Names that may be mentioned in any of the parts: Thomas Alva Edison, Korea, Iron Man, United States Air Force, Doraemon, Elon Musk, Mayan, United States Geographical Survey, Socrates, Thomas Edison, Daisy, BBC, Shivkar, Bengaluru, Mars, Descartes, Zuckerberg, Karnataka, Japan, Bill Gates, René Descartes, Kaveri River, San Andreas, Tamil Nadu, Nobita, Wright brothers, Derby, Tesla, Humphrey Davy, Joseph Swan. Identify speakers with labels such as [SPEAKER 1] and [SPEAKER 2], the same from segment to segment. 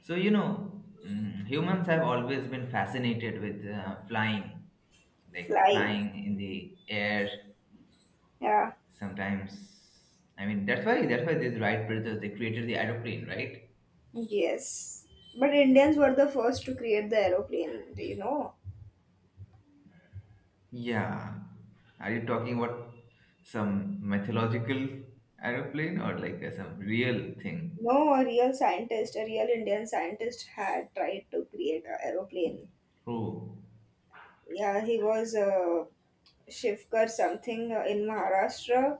[SPEAKER 1] So, humans have always been fascinated with flying, like
[SPEAKER 2] Fly.
[SPEAKER 1] flying in the air
[SPEAKER 2] Yeah.
[SPEAKER 1] sometimes. I mean, that's why these Wright brothers they created the aeroplane, right?
[SPEAKER 2] Yes. But Indians were the first to create the aeroplane, do you know?
[SPEAKER 1] Yeah. Are you talking about some mythological aeroplane or like some real thing?
[SPEAKER 2] No, a real scientist, a real Indian scientist had tried to create an aeroplane.
[SPEAKER 1] Oh,
[SPEAKER 2] Yeah, he was Shivkar something in Maharashtra.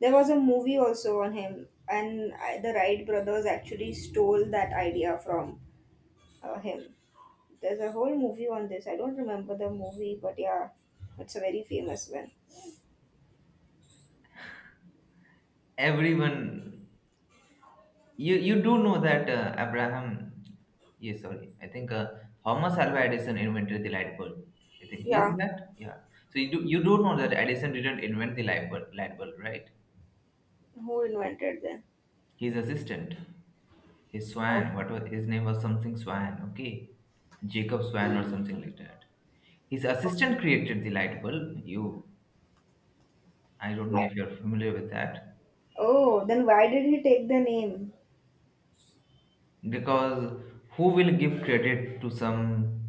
[SPEAKER 2] There was a movie also on him, and I, the Wright brothers actually stole that idea from him. There's a whole movie on this. I don't remember the movie, but yeah, it's a very famous one.
[SPEAKER 1] everyone you do know that Abraham. Yes, sorry, I think Thomas Alva Edison invented the light bulb. I think he is
[SPEAKER 2] Yeah,
[SPEAKER 1] that, yeah. So you do know that Edison didn't invent the light bulb, right.
[SPEAKER 2] who invented
[SPEAKER 1] His assistant, his
[SPEAKER 2] then?
[SPEAKER 1] Swan, what was his name? Was something Swan. Okay, Jacob Swan or something like that. His assistant created the light bulb. You, I don't know
[SPEAKER 2] Why?
[SPEAKER 1] if you're familiar with that.
[SPEAKER 2] Oh, then why did he take the name?
[SPEAKER 1] Because who will give credit to some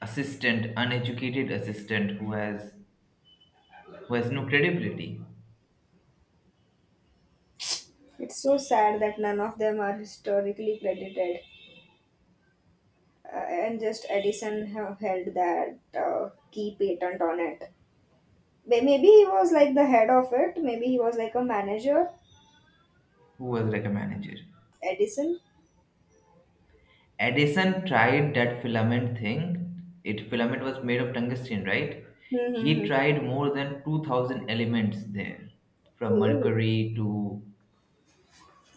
[SPEAKER 1] assistant, uneducated assistant who has no credibility.
[SPEAKER 2] It's so sad that none of them are historically credited, and just Edison have held that key patent on it. Maybe he was like the head of it. Maybe he was like a manager.
[SPEAKER 1] Who was like a manager?
[SPEAKER 2] Edison.
[SPEAKER 1] Edison tried that filament thing. It filament was made of tungsten, right? He
[SPEAKER 2] Mm-hmm.
[SPEAKER 1] tried more than 2,000 elements there, from
[SPEAKER 2] Oh,
[SPEAKER 1] mercury to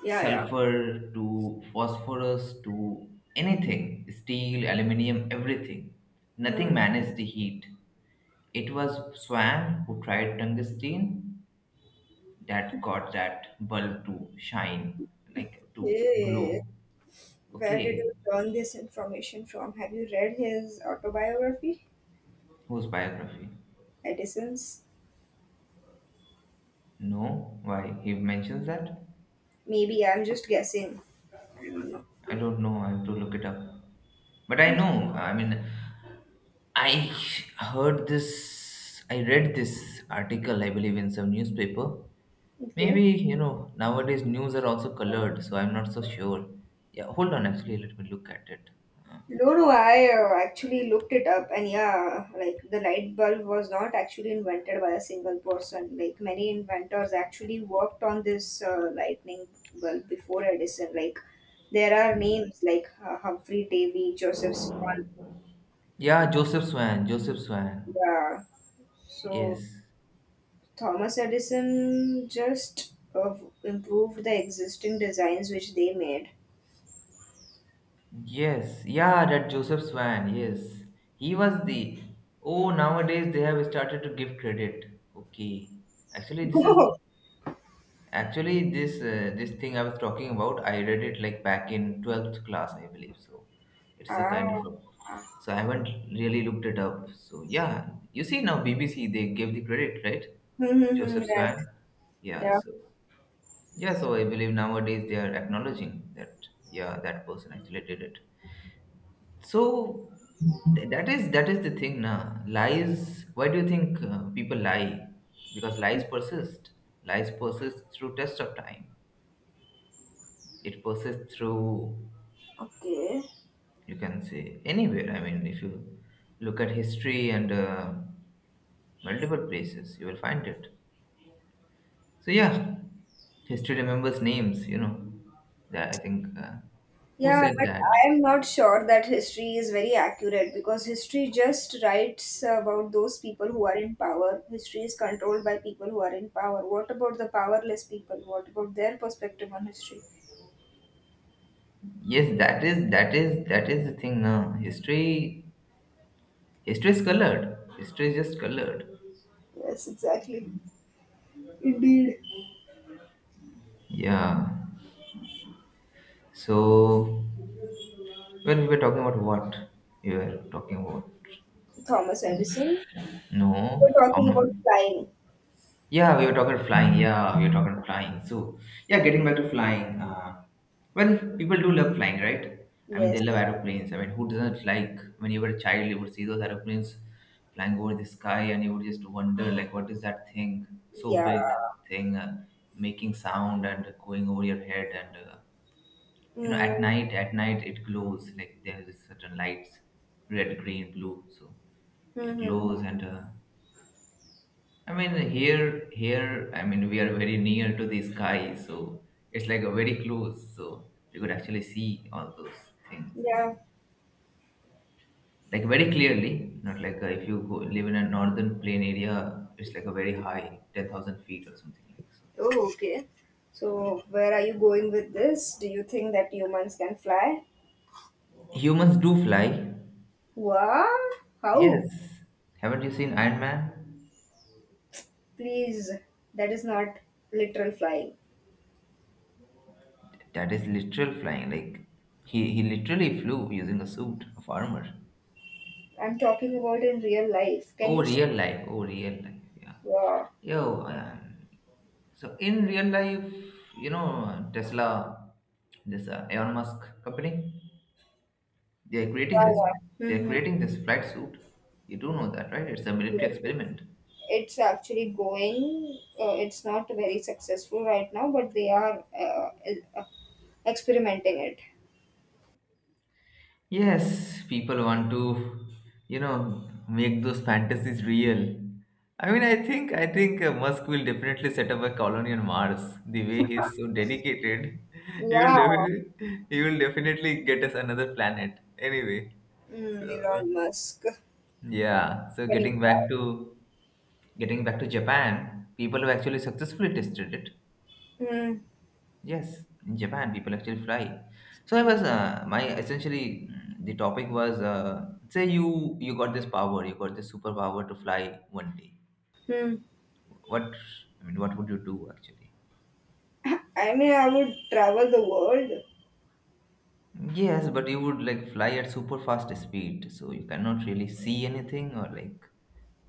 [SPEAKER 2] yeah, yeah.
[SPEAKER 1] sulfur to phosphorus to anything, steel, aluminium, everything.
[SPEAKER 2] Hmm.
[SPEAKER 1] Nothing managed the heat. It was Swan who tried tungsten that got that bulb to shine, like to
[SPEAKER 2] Okay.
[SPEAKER 1] glow.
[SPEAKER 2] Where did
[SPEAKER 1] Okay,
[SPEAKER 2] you learn this information from? Have you read his autobiography,
[SPEAKER 1] whose biography?
[SPEAKER 2] Edison's?
[SPEAKER 1] No, why he mentions that?
[SPEAKER 2] Maybe I'm just guessing. I don't know.
[SPEAKER 1] I don't know. I have to look it up. But I know. I mean, I heard this, I read this article, I believe, in some newspaper. Maybe,
[SPEAKER 2] Okay.
[SPEAKER 1] you know, nowadays news are also colored, so I'm not so sure. Yeah, hold on, actually, let me look at it. Uh,
[SPEAKER 2] No, no, I actually looked it up, and yeah, like the light bulb was not actually invented by a single person. Like many inventors actually worked on this lightning bulb before Edison. Like there are names like Humphrey Davy, Joseph Swan.
[SPEAKER 1] Yeah, Joseph Swan, Joseph Swan.
[SPEAKER 2] Yeah, so
[SPEAKER 1] Yes.
[SPEAKER 2] Thomas Edison just improved the existing designs which they made.
[SPEAKER 1] Yes. Yeah, that Joseph Swan, yes. He was the. Oh, nowadays they have started to give credit. Okay. Actually, this is. Actually, this thing I was talking about, I read it like back in 12th class, I believe. So it's a
[SPEAKER 2] ah,
[SPEAKER 1] kind of a, so I haven't really looked it up. So yeah, you see now BBC they gave the credit, right?
[SPEAKER 2] Hmm hmm hmm.
[SPEAKER 1] Joseph
[SPEAKER 2] Right.
[SPEAKER 1] Swan. Yeah,
[SPEAKER 2] Yeah.
[SPEAKER 1] so yeah, so I believe nowadays they are acknowledging that, yeah, that person actually did it. So that is the thing now. Lies, why do you think people lie? Because lies persist. Lies persist through test of time, it passes through.
[SPEAKER 2] Okay.
[SPEAKER 1] You can say anywhere, I mean, if you look at history and multiple places, you will find it. So yeah, history remembers names, you know, that I think who
[SPEAKER 2] Yeah,
[SPEAKER 1] said
[SPEAKER 2] but
[SPEAKER 1] that.
[SPEAKER 2] I am not sure that history is very accurate because history just writes about those people who are in power. History is controlled by people who are in power. What about the powerless people? What about their perspective on history?
[SPEAKER 1] Yes, that is the thing now. History is colored. History is just colored.
[SPEAKER 2] Yes, exactly. Indeed.
[SPEAKER 1] Yeah, so, well, we were talking about what you were talking about.
[SPEAKER 2] Thomas Edison.
[SPEAKER 1] No,
[SPEAKER 2] We were
[SPEAKER 1] how
[SPEAKER 2] talking
[SPEAKER 1] much.
[SPEAKER 2] about flying.
[SPEAKER 1] Yeah, we were talking flying. Yeah, we were talking flying. So, yeah, getting back to flying. Well, people do love flying, right? I mean, they love
[SPEAKER 2] Yes.
[SPEAKER 1] aeroplanes. I mean, who doesn't like, when you were a child, you would see those aeroplanes flying over the sky and you would just wonder, like, what is that thing? So
[SPEAKER 2] Yeah.
[SPEAKER 1] big thing making sound and going over your head. And,
[SPEAKER 2] Mm.
[SPEAKER 1] at night it glows. Like, there's certain lights, red, green, blue. So, it
[SPEAKER 2] Mm-hmm.
[SPEAKER 1] glows and I mean, here, I mean, we are very near to the sky, so it's like a very close, so we could actually see all those things. I
[SPEAKER 2] Yeah.
[SPEAKER 1] mean, like very clearly, not like if you go, live in a northern plain area, it's like a very high, 10,000 feet or something like so.
[SPEAKER 2] Oh, okay. So, where are you going with this? Do you think that humans can fly?
[SPEAKER 1] Humans do fly.
[SPEAKER 2] Wow. How?
[SPEAKER 1] Yes. Haven't you seen Iron Man?
[SPEAKER 2] Please, that is not literal flying.
[SPEAKER 1] That is literal flying. Like, he literally flew using a suit of armor.
[SPEAKER 2] I'm talking about in real life. Can
[SPEAKER 1] Oh,
[SPEAKER 2] you?
[SPEAKER 1] real life. Oh, real life. Yeah.
[SPEAKER 2] Wow.
[SPEAKER 1] Yo, so in real life, Tesla, this Elon Musk company, they are creating
[SPEAKER 2] Wow.
[SPEAKER 1] this.
[SPEAKER 2] Wow.
[SPEAKER 1] They are
[SPEAKER 2] Mhm.
[SPEAKER 1] creating this flight suit. You do know that, right? It's a military
[SPEAKER 2] Yes.
[SPEAKER 1] experiment.
[SPEAKER 2] It's actually going. It's not very successful right now, but they are uh, experimenting it.
[SPEAKER 1] Yes, people want to, make those fantasies real. I mean, I think Musk will definitely set up a colony on Mars. The way he's so dedicated, he will
[SPEAKER 2] Yeah.
[SPEAKER 1] definitely he will definitely get us another planet. Anyway, so
[SPEAKER 2] Elon Musk.
[SPEAKER 1] yeah, so
[SPEAKER 2] Funny
[SPEAKER 1] getting back
[SPEAKER 2] guy.
[SPEAKER 1] to getting back to Japan, people have actually successfully tested it.
[SPEAKER 2] Mm,
[SPEAKER 1] Yes, in Japan, people actually fly. So I was my essentially the topic was say you got this power, you got this superpower to fly one day.
[SPEAKER 2] mm.
[SPEAKER 1] What, I mean, what would you do actually?
[SPEAKER 2] I mean, I would travel the world.
[SPEAKER 1] Yes, but you would like fly at super fast speed, so you cannot really see anything or like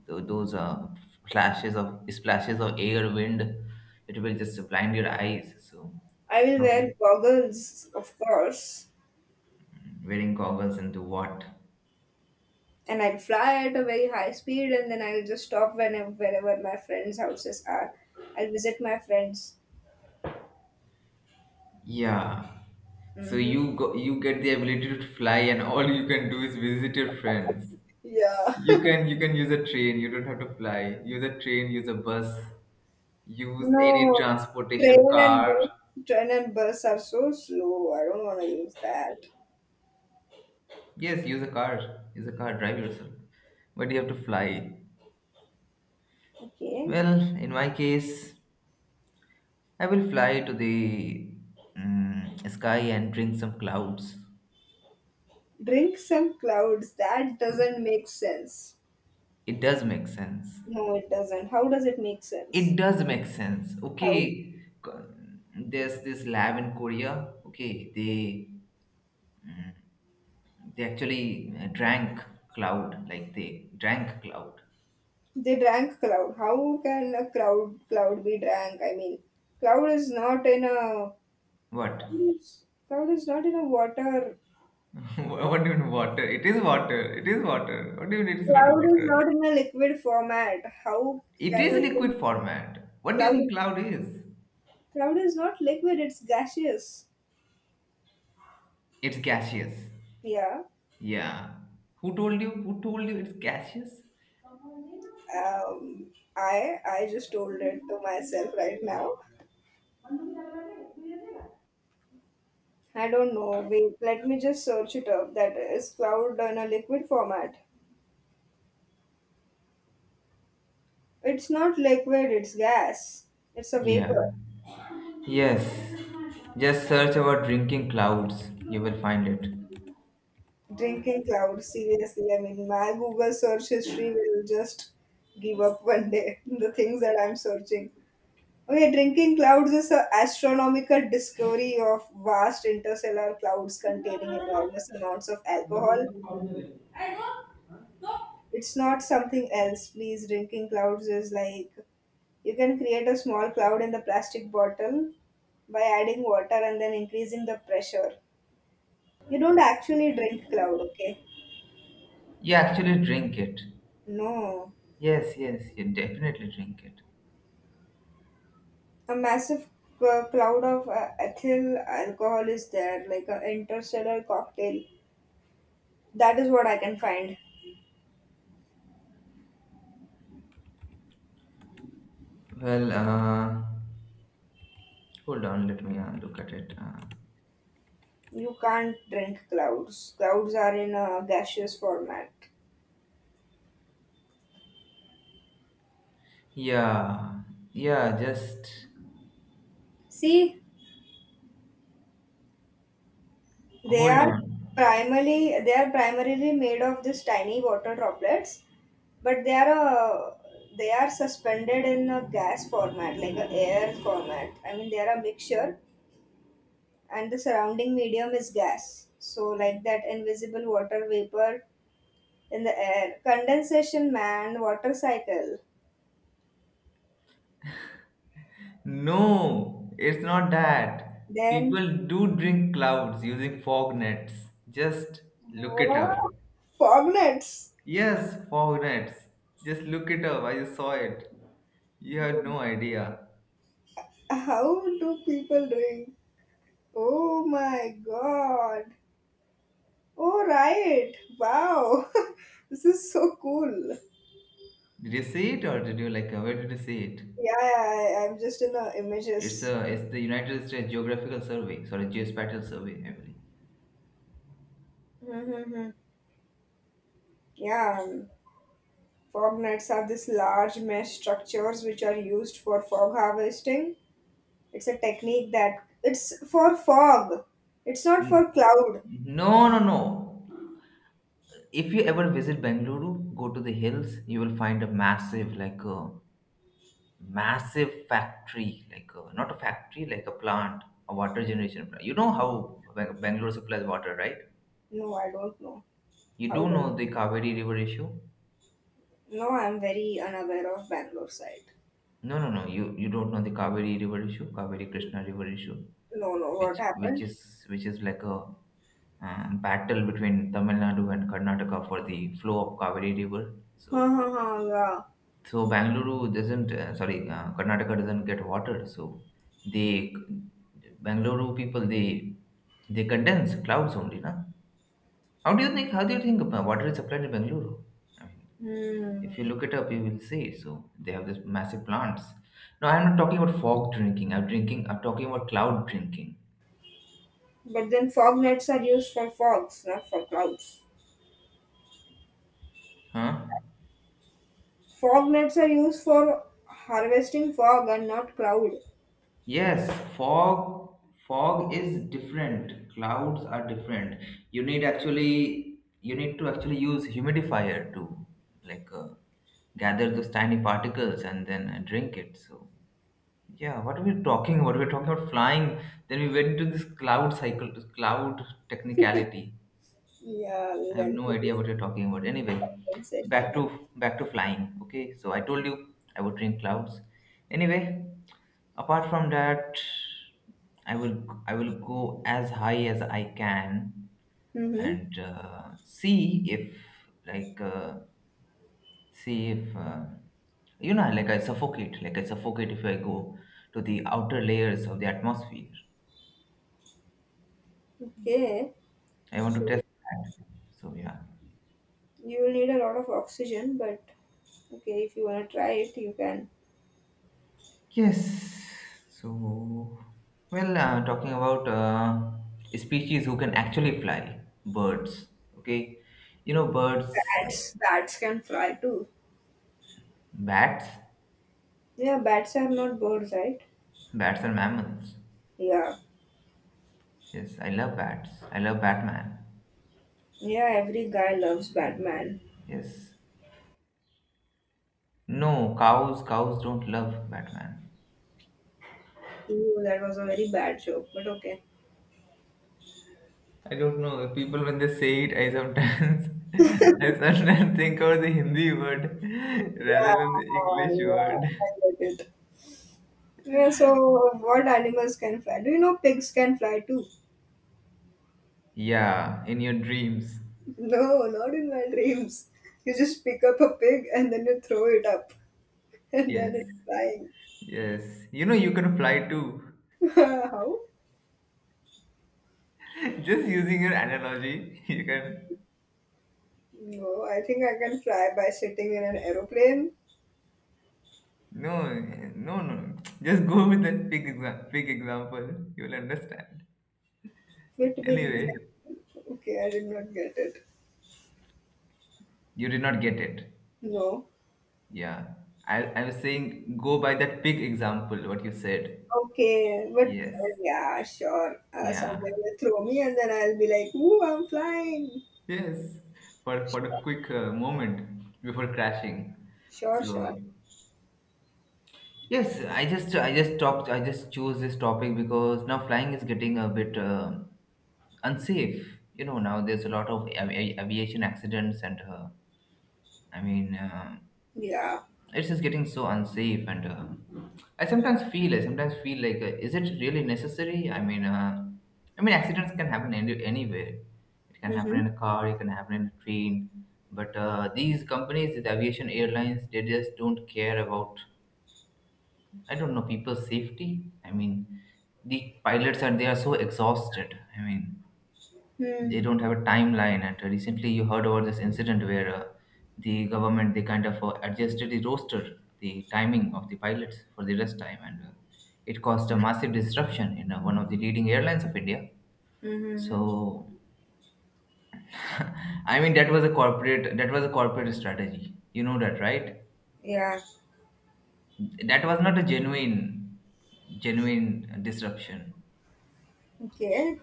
[SPEAKER 1] those flashes of splashes of air wind. It will just blind your eyes. So
[SPEAKER 2] I will
[SPEAKER 1] okay.
[SPEAKER 2] wear goggles, of course.
[SPEAKER 1] Wearing goggles into what?
[SPEAKER 2] And I'll fly at a very high speed and then I'll just stop whenever wherever my friends' houses are. I'll visit my friends.
[SPEAKER 1] Yeah. So
[SPEAKER 2] Hmm.
[SPEAKER 1] you go, you get the ability to fly, and all you can do is visit your friends.
[SPEAKER 2] Yeah.
[SPEAKER 1] You can you can use a train. You don't have to fly. Use a train. Use a bus. Use any
[SPEAKER 2] No,
[SPEAKER 1] transportation,
[SPEAKER 2] train and
[SPEAKER 1] car.
[SPEAKER 2] bus, train and bus are so slow. I don't want to use that.
[SPEAKER 1] Yes, use a car. Use a car, drive yourself. But you have to fly.
[SPEAKER 2] Okay.
[SPEAKER 1] Well, in my case, I will fly to the sky and drink some clouds.
[SPEAKER 2] Drink some clouds. That doesn't make sense.
[SPEAKER 1] It does make sense.
[SPEAKER 2] No, it doesn't. How does it make sense?
[SPEAKER 1] It does make sense.
[SPEAKER 2] How?
[SPEAKER 1] Okay, there's this lab in Korea. Okay, they actually drank cloud. Like they drank cloud.
[SPEAKER 2] They drank cloud. How can a cloud be drank? I mean, cloud is not in a
[SPEAKER 1] What?
[SPEAKER 2] Cloud is not in a water.
[SPEAKER 1] What do you mean water? It is water. It is water. What do you mean it is not
[SPEAKER 2] Cloud is
[SPEAKER 1] water?
[SPEAKER 2] not in a liquid format. How
[SPEAKER 1] It
[SPEAKER 2] can
[SPEAKER 1] is
[SPEAKER 2] you think
[SPEAKER 1] liquid format. What do you think
[SPEAKER 2] cloud?
[SPEAKER 1] cloud is?
[SPEAKER 2] Cloud is not liquid. It's gaseous.
[SPEAKER 1] It's gaseous.
[SPEAKER 2] Yeah.
[SPEAKER 1] Yeah. Who told you? Who told you it's gaseous?
[SPEAKER 2] Um. I just told it to myself right now. I don't know. Wait. Let me just search it up. That is cloud in a liquid format. It's not liquid. It's gas. It's a
[SPEAKER 1] Yeah.
[SPEAKER 2] vapor.
[SPEAKER 1] Yes. Just search about drinking clouds. You will find it.
[SPEAKER 2] Drinking cloud, seriously. I mean, my Google search history will just give up one day. The things that I'm searching. Okay, drinking clouds is an astronomical discovery of vast interstellar clouds containing enormous amounts of alcohol. It's not something else, please. Drinking clouds is like you can create a small cloud in the plastic bottle by adding water and then increasing the pressure. You don't actually drink cloud, okay?
[SPEAKER 1] You actually drink it.
[SPEAKER 2] No.
[SPEAKER 1] Yes, yes, you definitely drink it.
[SPEAKER 2] A massive cloud of ethyl alcohol is there, like an interstellar cocktail. That is what I can find.
[SPEAKER 1] Well, hold on, let me look at it.
[SPEAKER 2] You can't drink clouds. Clouds are in a gaseous format.
[SPEAKER 1] Yeah, yeah, just
[SPEAKER 2] See, they
[SPEAKER 1] hold
[SPEAKER 2] are
[SPEAKER 1] on.
[SPEAKER 2] they are primarily made of these tiny water droplets, but they are suspended in a gas format, like a air format. I mean, they are a mixture, and the surrounding medium is gas. So, like that invisible water vapor in the air. Condensation, man, water cycle.
[SPEAKER 1] No, it's not that.
[SPEAKER 2] Then,
[SPEAKER 1] People do drink clouds using fog nets. Just look it up.
[SPEAKER 2] wow, fognets.
[SPEAKER 1] Yes, fog nets. Just look it up. I just saw it. You have
[SPEAKER 2] Do-
[SPEAKER 1] no idea.
[SPEAKER 2] How do people doing? Oh my god. Oh, right. Wow. This is so cool.
[SPEAKER 1] Did you see it or did you like where did you see it?
[SPEAKER 2] Yeah, yeah, I'm just in the
[SPEAKER 1] It's
[SPEAKER 2] images.
[SPEAKER 1] a it's the United States Geographical Survey, sorry, Geospatial Survey, I believe.
[SPEAKER 2] Mm-hmm. Yeah, fog nets are these large mesh structures which are used for fog harvesting. It's a technique that it's for fog. It's not
[SPEAKER 1] N-
[SPEAKER 2] for cloud.
[SPEAKER 1] No, no, no. If you ever visit Bengaluru, go to the hills, you will find a massive, like a massive factory, like a, not a factory, like a plant, a water generation plant. You know how Bangalore supplies water, right?
[SPEAKER 2] No, I don't know.
[SPEAKER 1] You
[SPEAKER 2] How
[SPEAKER 1] do
[SPEAKER 2] does?
[SPEAKER 1] know the Kaveri River issue?
[SPEAKER 2] No, I'm very unaware of Bangalore side.
[SPEAKER 1] No, no, no. You don't know the Kaveri River issue, Kaveri Krishna River issue,
[SPEAKER 2] No, no, what
[SPEAKER 1] which which
[SPEAKER 2] happened?
[SPEAKER 1] is which is like a battle between Tamil Nadu and Karnataka for the flow of Kaveri River.
[SPEAKER 2] Ha
[SPEAKER 1] So
[SPEAKER 2] ha ha, yeah.
[SPEAKER 1] So Bangalore doesn't, sorry, Karnataka doesn't get water. So they, Bangalore people, they condense clouds only, na? How do you think? How do you think about water is supplied to Bangalore? I mean,
[SPEAKER 2] Hmm.
[SPEAKER 1] if you look it up, you will see. So they have this massive plants. No, I'm not talking about fog drinking. I'm drinking. I'm talking about cloud drinking.
[SPEAKER 2] But then fog nets are used for fogs, not for clouds.
[SPEAKER 1] Huh?
[SPEAKER 2] Fog nets are used for harvesting fog and not cloud.
[SPEAKER 1] Yes, fog is different. Clouds are different. You need, actually you need to actually use humidifier to, like, gather those tiny particles and then drink it. So yeah, what are we talking about? We're talking about flying. Then we went into this cloud cycle, this cloud technicality.
[SPEAKER 2] Yeah, we
[SPEAKER 1] I have
[SPEAKER 2] went
[SPEAKER 1] no
[SPEAKER 2] through
[SPEAKER 1] idea
[SPEAKER 2] this
[SPEAKER 1] what you're talking about. Anyway, back
[SPEAKER 2] sensation.
[SPEAKER 1] to back to flying. Okay, so I told you I would drink clouds. Anyway, apart from that, I will go as high as I can
[SPEAKER 2] Mm-hmm.
[SPEAKER 1] and see if, like, see if you know, like, I suffocate if I go to the outer layers of the atmosphere.
[SPEAKER 2] Okay.
[SPEAKER 1] I want to
[SPEAKER 2] So
[SPEAKER 1] test that. So yeah.
[SPEAKER 2] you will need a lot of oxygen, but okay, if you wanna try it, you can.
[SPEAKER 1] Yes. So, well, talking about species who can actually fly, birds. Okay, you know birds,
[SPEAKER 2] Bats can fly too.
[SPEAKER 1] bats.
[SPEAKER 2] Yeah, bats are not birds, right?
[SPEAKER 1] Bats are mammals.
[SPEAKER 2] Yeah.
[SPEAKER 1] Yes, I love bats. I love Batman.
[SPEAKER 2] Yeah, every guy loves
[SPEAKER 1] Yes.
[SPEAKER 2] Batman.
[SPEAKER 1] Yes. No, cows. Cows don't love Batman.
[SPEAKER 2] Ew, that was a very bad joke, but okay.
[SPEAKER 1] I don't know. People when they say it, I sometimes, I sometimes think of the Hindi word
[SPEAKER 2] Yeah,
[SPEAKER 1] rather than the English
[SPEAKER 2] yeah,
[SPEAKER 1] word.
[SPEAKER 2] I get it. Yeah, so what animals can fly? Do you know pigs can fly too?
[SPEAKER 1] Yeah, in your dreams.
[SPEAKER 2] No, not in my dreams. You just pick up a pig and then you throw it up, and then
[SPEAKER 1] Yes,
[SPEAKER 2] it's flying.
[SPEAKER 1] yes. You know, you can fly too.
[SPEAKER 2] How?
[SPEAKER 1] Just using your analogy, you can.
[SPEAKER 2] No, I think I can fly by sitting in an aeroplane.
[SPEAKER 1] No, no, no. Just go with that big example. You'll understand.
[SPEAKER 2] Wait, wait,
[SPEAKER 1] Anyway,
[SPEAKER 2] wait. Okay, I did not get it.
[SPEAKER 1] you did not get it.
[SPEAKER 2] No.
[SPEAKER 1] Yeah. I was saying go by that big example, what you said.
[SPEAKER 2] Okay, but
[SPEAKER 1] Yes.
[SPEAKER 2] yeah, sure. Uh,
[SPEAKER 1] Yeah.
[SPEAKER 2] someone will throw me, and then I'll be like, "Ooh, I'm flying!"
[SPEAKER 1] Yes. For a quick moment before crashing.
[SPEAKER 2] Sure, sure.
[SPEAKER 1] So yes, I just chose this topic because now flying is getting a bit unsafe. You know now there's a lot of aviation accidents and I mean
[SPEAKER 2] Yeah.
[SPEAKER 1] it's just getting so unsafe and I sometimes feel like is it really necessary? I mean accidents can happen anywhere. It can happen
[SPEAKER 2] Mm-hmm.
[SPEAKER 1] in a car, it can happen in a train, but these companies, these aviation airlines, they just don't care about, I don't know, people's safety. I mean, the pilots are so exhausted. I mean, they
[SPEAKER 2] Hmm.
[SPEAKER 1] don't have a timeline. And recently, you heard about this incident where the government, they kind of adjusted the roster, the timing of the pilots for the rest time, and it caused a massive disruption in one of the leading airlines of India.
[SPEAKER 2] Mm-hmm.
[SPEAKER 1] So, I mean, that was a corporate strategy. You know that, right?
[SPEAKER 2] Yeah.
[SPEAKER 1] That was not a genuine disruption.
[SPEAKER 2] Okay.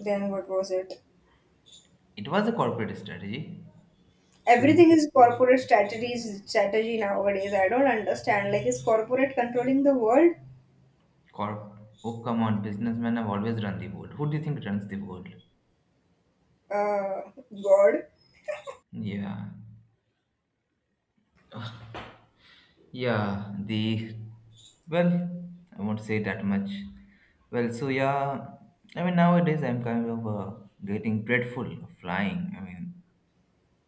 [SPEAKER 2] Then what was it?
[SPEAKER 1] It was a corporate strategy.
[SPEAKER 2] Everything is corporate strategies strategy nowadays. I don't understand. Like, is corporate controlling the world?
[SPEAKER 1] Corp. Oh, come on. Businessmen have always run the world. Who do you think runs the world?
[SPEAKER 2] Uh, God.
[SPEAKER 1] Yeah. Yeah. The. Well, I won't say that much. Well, so yeah. I mean, nowadays I'm kind of getting dreadful of flying. I mean,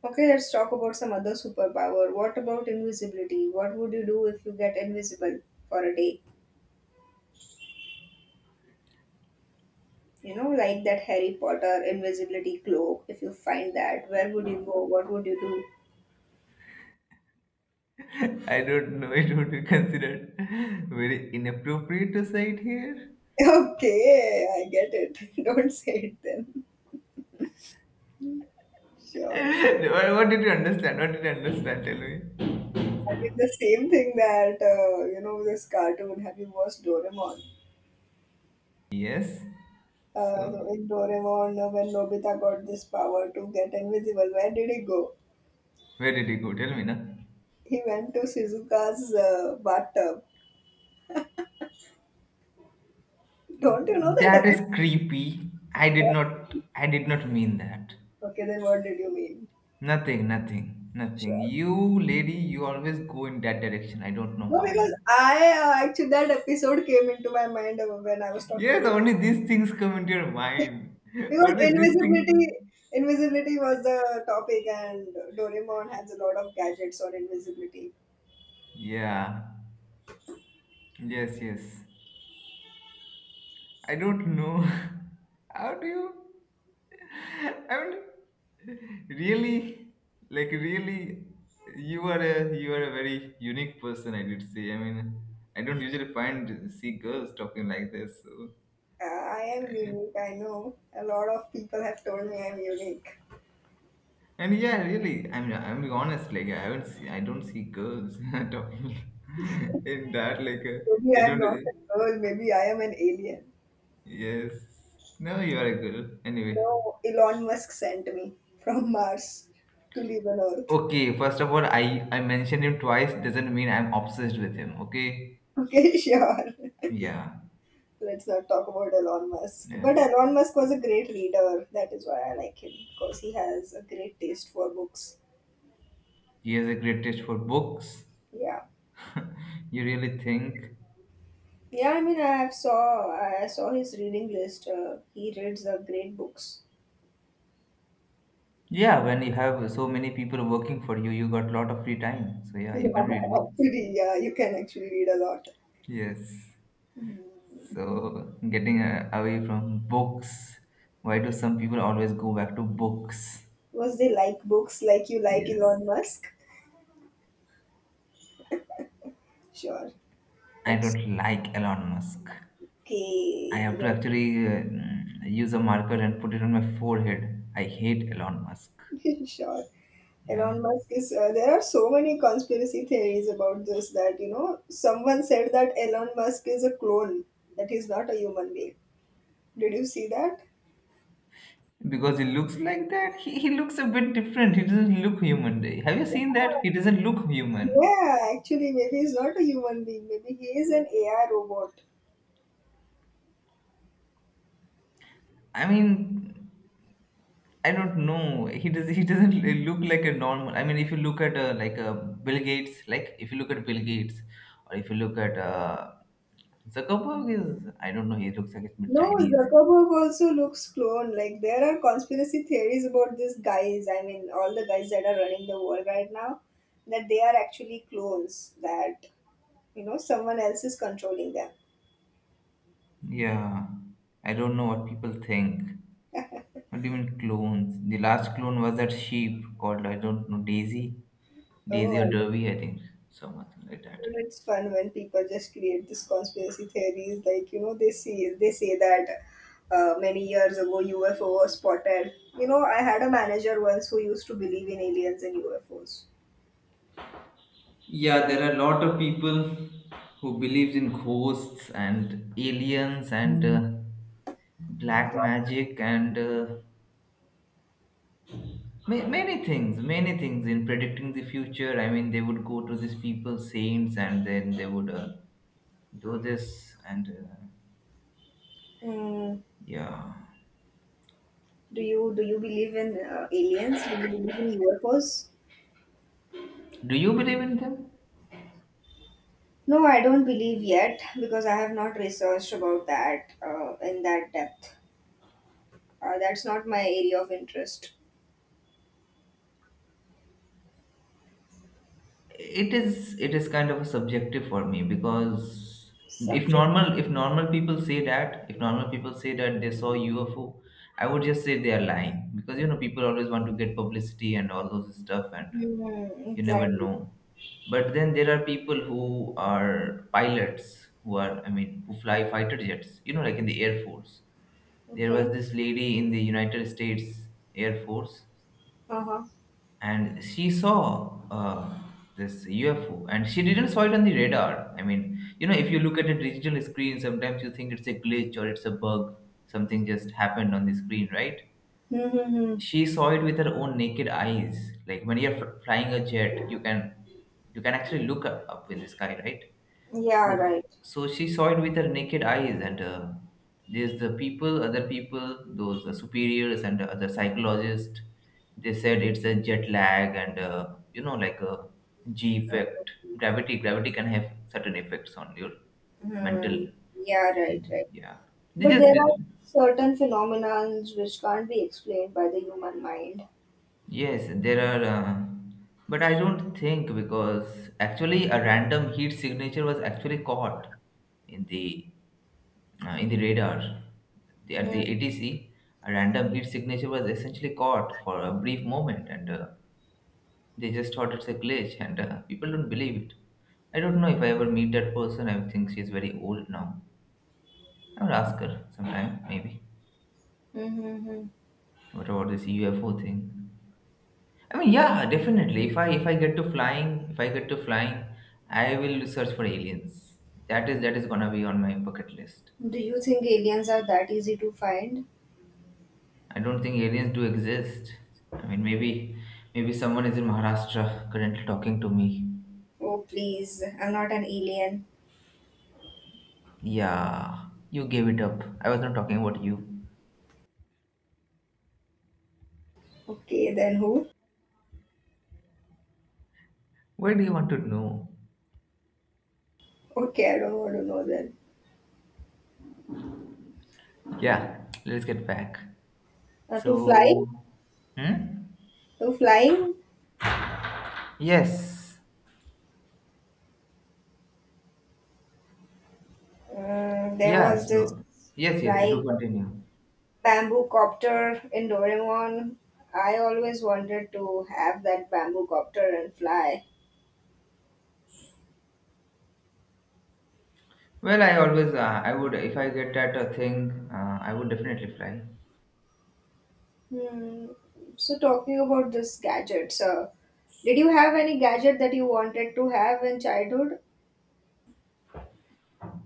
[SPEAKER 2] Okay, let's talk about some other superpower. What about invisibility? What would you do if you get invisible for a day? You know, like that Harry Potter invisibility cloak. If you find that, where would you go? What would you do?
[SPEAKER 1] I don't know. It would be considered very inappropriate to say it here.
[SPEAKER 2] Okay, I get it. Don't say it then. Sure.
[SPEAKER 1] What did you understand? What did you understand? Tell me.
[SPEAKER 2] I mean, the same thing that, this cartoon, have you watched Doraemon?
[SPEAKER 1] Yes.
[SPEAKER 2] So
[SPEAKER 1] So,
[SPEAKER 2] in Doraemon, when Nobita got this power to get invisible, where did he go?
[SPEAKER 1] where did you go? Tell me now.
[SPEAKER 2] He went to Shizuka's bathtub. Don't you know that?
[SPEAKER 1] That is creepy. I did
[SPEAKER 2] that?
[SPEAKER 1] not I did not mean that.
[SPEAKER 2] Okay, then what did you mean?
[SPEAKER 1] Nothing, nothing, nothing.
[SPEAKER 2] Sure.
[SPEAKER 1] You lady, you always go in that direction. I don't know
[SPEAKER 2] No,
[SPEAKER 1] why.
[SPEAKER 2] because I actually that episode came into my mind when I was talking
[SPEAKER 1] Yes,
[SPEAKER 2] about
[SPEAKER 1] only these things come into your mind.
[SPEAKER 2] because
[SPEAKER 1] Only these things.
[SPEAKER 2] invisibility was the topic and Doraemon has a lot of gadgets on invisibility.
[SPEAKER 1] Yeah. Yes, yes. I don't know. How do you? I mean, really, like really, you are a very unique person. I did say. I mean, I don't usually find see girls talking like this. So.
[SPEAKER 2] I am unique, I know. A lot of people have told me I'm unique.
[SPEAKER 1] And yeah, really, I mean, I'm being honest. Like I haven't, see, I don't see girls talking in that.
[SPEAKER 2] Maybe
[SPEAKER 1] They
[SPEAKER 2] I'm
[SPEAKER 1] don't.
[SPEAKER 2] not a girl, maybe I am an alien.
[SPEAKER 1] Yes. No, you are a girl. Anyway.
[SPEAKER 2] No, Elon Musk sent me from Mars to live on Earth.
[SPEAKER 1] Okay, first of all, I mentioned him twice doesn't mean I'm obsessed with him. Okay,
[SPEAKER 2] Okay, sure.
[SPEAKER 1] yeah,
[SPEAKER 2] Let's not talk about Elon Musk. But
[SPEAKER 1] yes,
[SPEAKER 2] Elon Musk was a great reader. That is why I like him because he has a great taste for books.
[SPEAKER 1] he has a great taste for books.
[SPEAKER 2] Yeah,
[SPEAKER 1] You really think,
[SPEAKER 2] yeah. I mean, I saw his reading list. He reads great books.
[SPEAKER 1] yeah, when you have so many people working for you, you got a lot of free time. So yeah,
[SPEAKER 2] Yeah,
[SPEAKER 1] you can read books.
[SPEAKER 2] actually, yeah, you can actually read a lot.
[SPEAKER 1] Yes,
[SPEAKER 2] Hmm.
[SPEAKER 1] so getting away from books. Why do some people always go back to books?
[SPEAKER 2] Was they like books like you like
[SPEAKER 1] Yes,
[SPEAKER 2] Elon Musk? Sure,
[SPEAKER 1] I
[SPEAKER 2] that's
[SPEAKER 1] don't like Elon Musk. I
[SPEAKER 2] okay.
[SPEAKER 1] have to actually use a marker and put it on my forehead. I hate Elon Musk.
[SPEAKER 2] Sure.
[SPEAKER 1] Yeah.
[SPEAKER 2] Elon Musk is. There are so many conspiracy theories about this that you know someone said that Elon Musk is a clone, that he's not a human being. Did you see that?
[SPEAKER 1] Because he looks like that. He looks a bit different. He doesn't look human. Have you seen that? He doesn't look human.
[SPEAKER 2] Yeah, actually, maybe he's not a human being. Maybe he is an AI robot.
[SPEAKER 1] I mean, I don't know. He does. He doesn't look like a normal. I mean, if you look at like Bill Gates, like if you look at Bill Gates, or if you look at Zuckerberg, is I don't know. He looks like a bit
[SPEAKER 2] No,
[SPEAKER 1] Chinese.
[SPEAKER 2] Zuckerberg also looks clone. Like there are conspiracy theories about these guys. I mean, all the guys that are running the world right now, that they are actually clones. That you know someone else is controlling them.
[SPEAKER 1] Yeah, I don't know what people think. What do you mean clones? The last clone was that sheep called, I don't know, Daisy? Daisy or
[SPEAKER 2] Oh,
[SPEAKER 1] Derby, I think. Something like that.
[SPEAKER 2] but it's fun when people just create this conspiracy theories. Like you know, they say that many years ago UFO was spotted. You know, I had a manager once who used to believe in aliens and UFOs.
[SPEAKER 1] Yeah, there are a lot of people who believes in ghosts and aliens and black magic and many things in predicting the future. I mean, they would go to these people, saints, and then they would do this, and
[SPEAKER 2] Mm,
[SPEAKER 1] yeah.
[SPEAKER 2] do you believe in aliens? Do you believe in UFOs?
[SPEAKER 1] Do you believe in them?
[SPEAKER 2] No, I don't believe yet because I have not researched about that in that depth. That's not my area of interest.
[SPEAKER 1] It is kind of a subjective for me, because if
[SPEAKER 2] Subject.
[SPEAKER 1] normal if normal people say that if normal people say that they saw UFO, I would just say they are lying, because you know people always want to get publicity and all those stuff, and
[SPEAKER 2] Hmm,
[SPEAKER 1] you never
[SPEAKER 2] exactly.
[SPEAKER 1] know. But then there are people who are pilots who are I mean who fly fighter jets, you know, like in the air force. There was
[SPEAKER 2] Okay.
[SPEAKER 1] this lady in the United States Air Force,
[SPEAKER 2] Uh huh.
[SPEAKER 1] and she saw this UFO, and she didn't saw it on the radar. I mean, you know, if you look at a digital screen, sometimes you think it's a glitch or it's a bug, something just happened on the screen, right?
[SPEAKER 2] Hmm. Hmm.
[SPEAKER 1] She saw it with her own naked eyes. Like when you're flying a jet, you can actually look up, up in the sky, right?
[SPEAKER 2] Yeah,
[SPEAKER 1] So,
[SPEAKER 2] right.
[SPEAKER 1] so, she saw it with her naked eyes, and there's the people, other people, those superiors and other psychologists. They said it's a jet lag and you know, like a G effect. Gravity can have certain effects on your mental
[SPEAKER 2] Hmm. Yeah,
[SPEAKER 1] thing.
[SPEAKER 2] right, right.
[SPEAKER 1] Yeah, they
[SPEAKER 2] But
[SPEAKER 1] just
[SPEAKER 2] there are certain phenomena which can't be explained by the human mind.
[SPEAKER 1] yes, there are. But I don't think, because actually a random heat signature was actually caught in the in the radar. At the ATC, a random heat signature was essentially caught for a brief moment, and they just thought it's a glitch, and people don't believe it. I don't know if I ever meet that person. I think she's very old now. I would ask her sometime, maybe.
[SPEAKER 2] Mm-hmm.
[SPEAKER 1] What about this UFO thing? I mean, yeah, definitely. If I get to flying, If I get to flying, I will search for aliens. That is gonna be on my bucket list.
[SPEAKER 2] Do you think aliens are that easy to find?
[SPEAKER 1] I don't think aliens do exist. I mean, maybe someone is in Maharashtra currently talking to me.
[SPEAKER 2] Oh, please, I'm not an alien.
[SPEAKER 1] Yeah, you gave it up. I was not talking about you.
[SPEAKER 2] Okay, then who?
[SPEAKER 1] What do you want to know?
[SPEAKER 2] Okay, I don't want to know then.
[SPEAKER 1] Yeah, let's get back.
[SPEAKER 2] To fly?
[SPEAKER 1] So, hmm?
[SPEAKER 2] To flying?
[SPEAKER 1] Yes.
[SPEAKER 2] There
[SPEAKER 1] Yeah,
[SPEAKER 2] was this
[SPEAKER 1] so yes, yes,
[SPEAKER 2] flying
[SPEAKER 1] do continue.
[SPEAKER 2] bamboo copter in Doraemon. I always wanted to have that bamboo copter and fly.
[SPEAKER 1] Well, I would, if I get that thing, I would definitely fly.
[SPEAKER 2] Hmm. So talking about this gadgets, did you have any gadget that you wanted to have in childhood?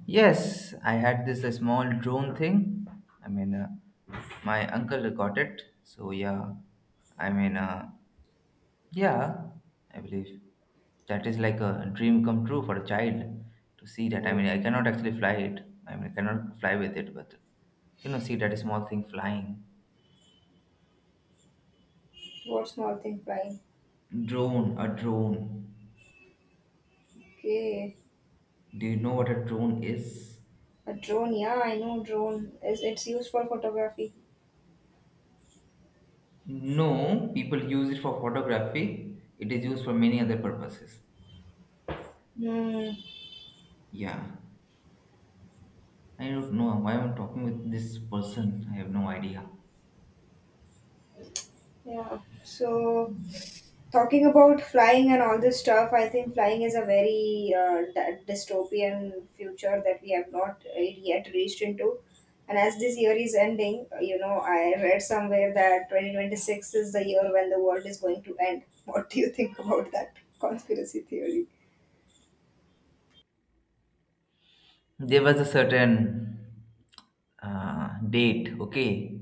[SPEAKER 1] Yes, I had this small drone thing. I mean, my uncle got it. So yeah, I mean, yeah, I believe that is like a dream come true for a child to see that.
[SPEAKER 2] Hmm.
[SPEAKER 1] I mean, I cannot actually fly it. I mean, I cannot fly with it, but you know, see that small thing flying.
[SPEAKER 2] What small thing flying?
[SPEAKER 1] Drone, a drone.
[SPEAKER 2] Okay,
[SPEAKER 1] Do you know what a drone is?
[SPEAKER 2] a drone. Yeah, I know drone. Is it's used for photography.
[SPEAKER 1] No, people use it for photography. It is used for many other purposes.
[SPEAKER 2] Hmm.
[SPEAKER 1] Yeah. I don't know why I'm talking with this person. I have no idea.
[SPEAKER 2] Yeah. So talking about flying and all this stuff, I think flying is a very dystopian future that we have not yet reached into. And as this year is ending, you know, I read somewhere that 2026 is the year when the world is going to end. What do you think about that conspiracy theory?
[SPEAKER 1] There was a certain date, okay?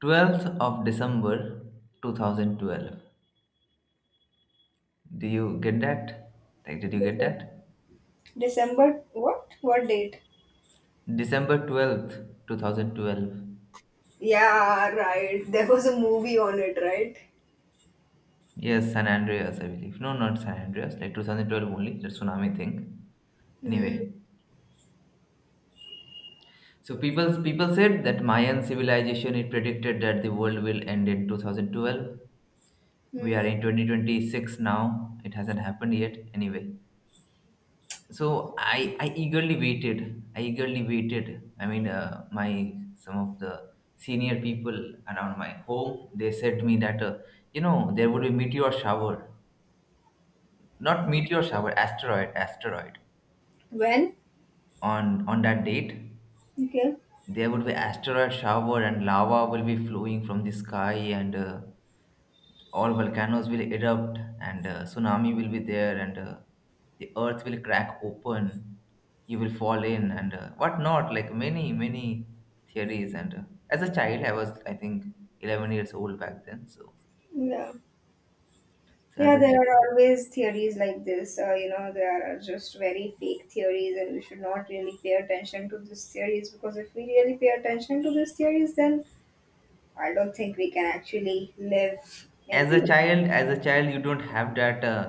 [SPEAKER 1] 12th of December 2012. Do you get that? Like, did you get
[SPEAKER 2] december
[SPEAKER 1] that?
[SPEAKER 2] December- what date?
[SPEAKER 1] December 12th, 2012.
[SPEAKER 2] Yeah, right, there was a movie on it, right?
[SPEAKER 1] Yes, San Andreas, I believe. No, not San Andreas, like 2012 only, the tsunami thing.
[SPEAKER 2] Hmm.
[SPEAKER 1] Anyway, so people said that Mayan civilization, it predicted that the world will end in 2012. We are
[SPEAKER 2] Hmm.
[SPEAKER 1] in 2026 now. It hasn't happened yet. Anyway, so I eagerly waited. I mean, my some of the senior people around my home, they said to me that you know, there would be meteor shower, not meteor shower, asteroid,
[SPEAKER 2] When?
[SPEAKER 1] on that date.
[SPEAKER 2] Okay.
[SPEAKER 1] There would be asteroid shower and lava will be flowing from the sky, and all volcanoes will erupt, and tsunami will be there, and the earth will crack open, you will fall in, and what not? Like many theories, and as a child I was, I think, 11 years old back then. so,
[SPEAKER 2] Yeah.
[SPEAKER 1] so as
[SPEAKER 2] Yeah,
[SPEAKER 1] a
[SPEAKER 2] there
[SPEAKER 1] ch-
[SPEAKER 2] are always theories like this. There are just very fake theories, and we should not really pay attention to these theories because if we really pay attention to these theories, then I don't think we can actually live in
[SPEAKER 1] as a
[SPEAKER 2] real.
[SPEAKER 1] child as a child you don't have that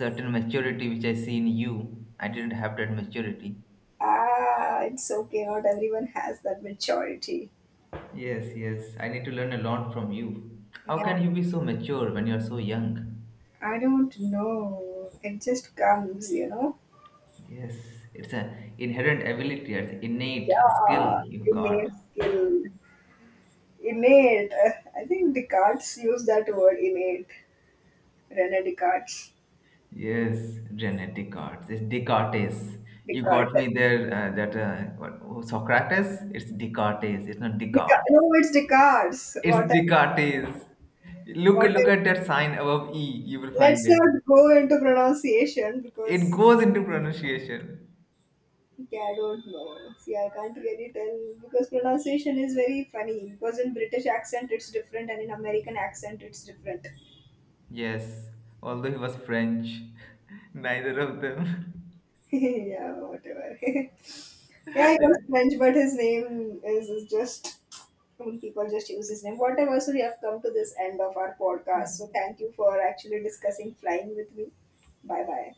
[SPEAKER 1] certain maturity which I see in you. I didn't have that maturity.
[SPEAKER 2] Ah, it's okay. Not everyone has that maturity.
[SPEAKER 1] Yes, yes, I need to learn a lot from you. How
[SPEAKER 2] Yeah,
[SPEAKER 1] can you be so mature when you're so young?
[SPEAKER 2] I don't know. It just comes, you know.
[SPEAKER 1] Yes, it's an inherent ability, it's innate skill
[SPEAKER 2] Yeah,
[SPEAKER 1] you got.
[SPEAKER 2] innate skill. Innate. I think Descartes used that word innate. René Descartes.
[SPEAKER 1] Yes, genetic arts. It's Descartes. You got
[SPEAKER 2] Descartes.
[SPEAKER 1] me there. That what, oh, Socrates? It's Descartes. It's not Descartes.
[SPEAKER 2] No, it's Descartes.
[SPEAKER 1] It's Descartes. Look,
[SPEAKER 2] What
[SPEAKER 1] look
[SPEAKER 2] I,
[SPEAKER 1] at that sign above E. You will find
[SPEAKER 2] let's
[SPEAKER 1] it.
[SPEAKER 2] not go into pronunciation
[SPEAKER 1] It
[SPEAKER 2] because
[SPEAKER 1] goes into pronunciation.
[SPEAKER 2] yeah, I don't know. See, I can't really tell because pronunciation is very funny. Because in British accent it's different, and in American accent it's different.
[SPEAKER 1] Yes, although he was French, neither of them.
[SPEAKER 2] Yeah, whatever. Yeah, he was French, but his name is just. I mean, people just use his name. Whatever, so we have come to this end of our podcast. So, thank you for actually discussing flying with me. Bye bye.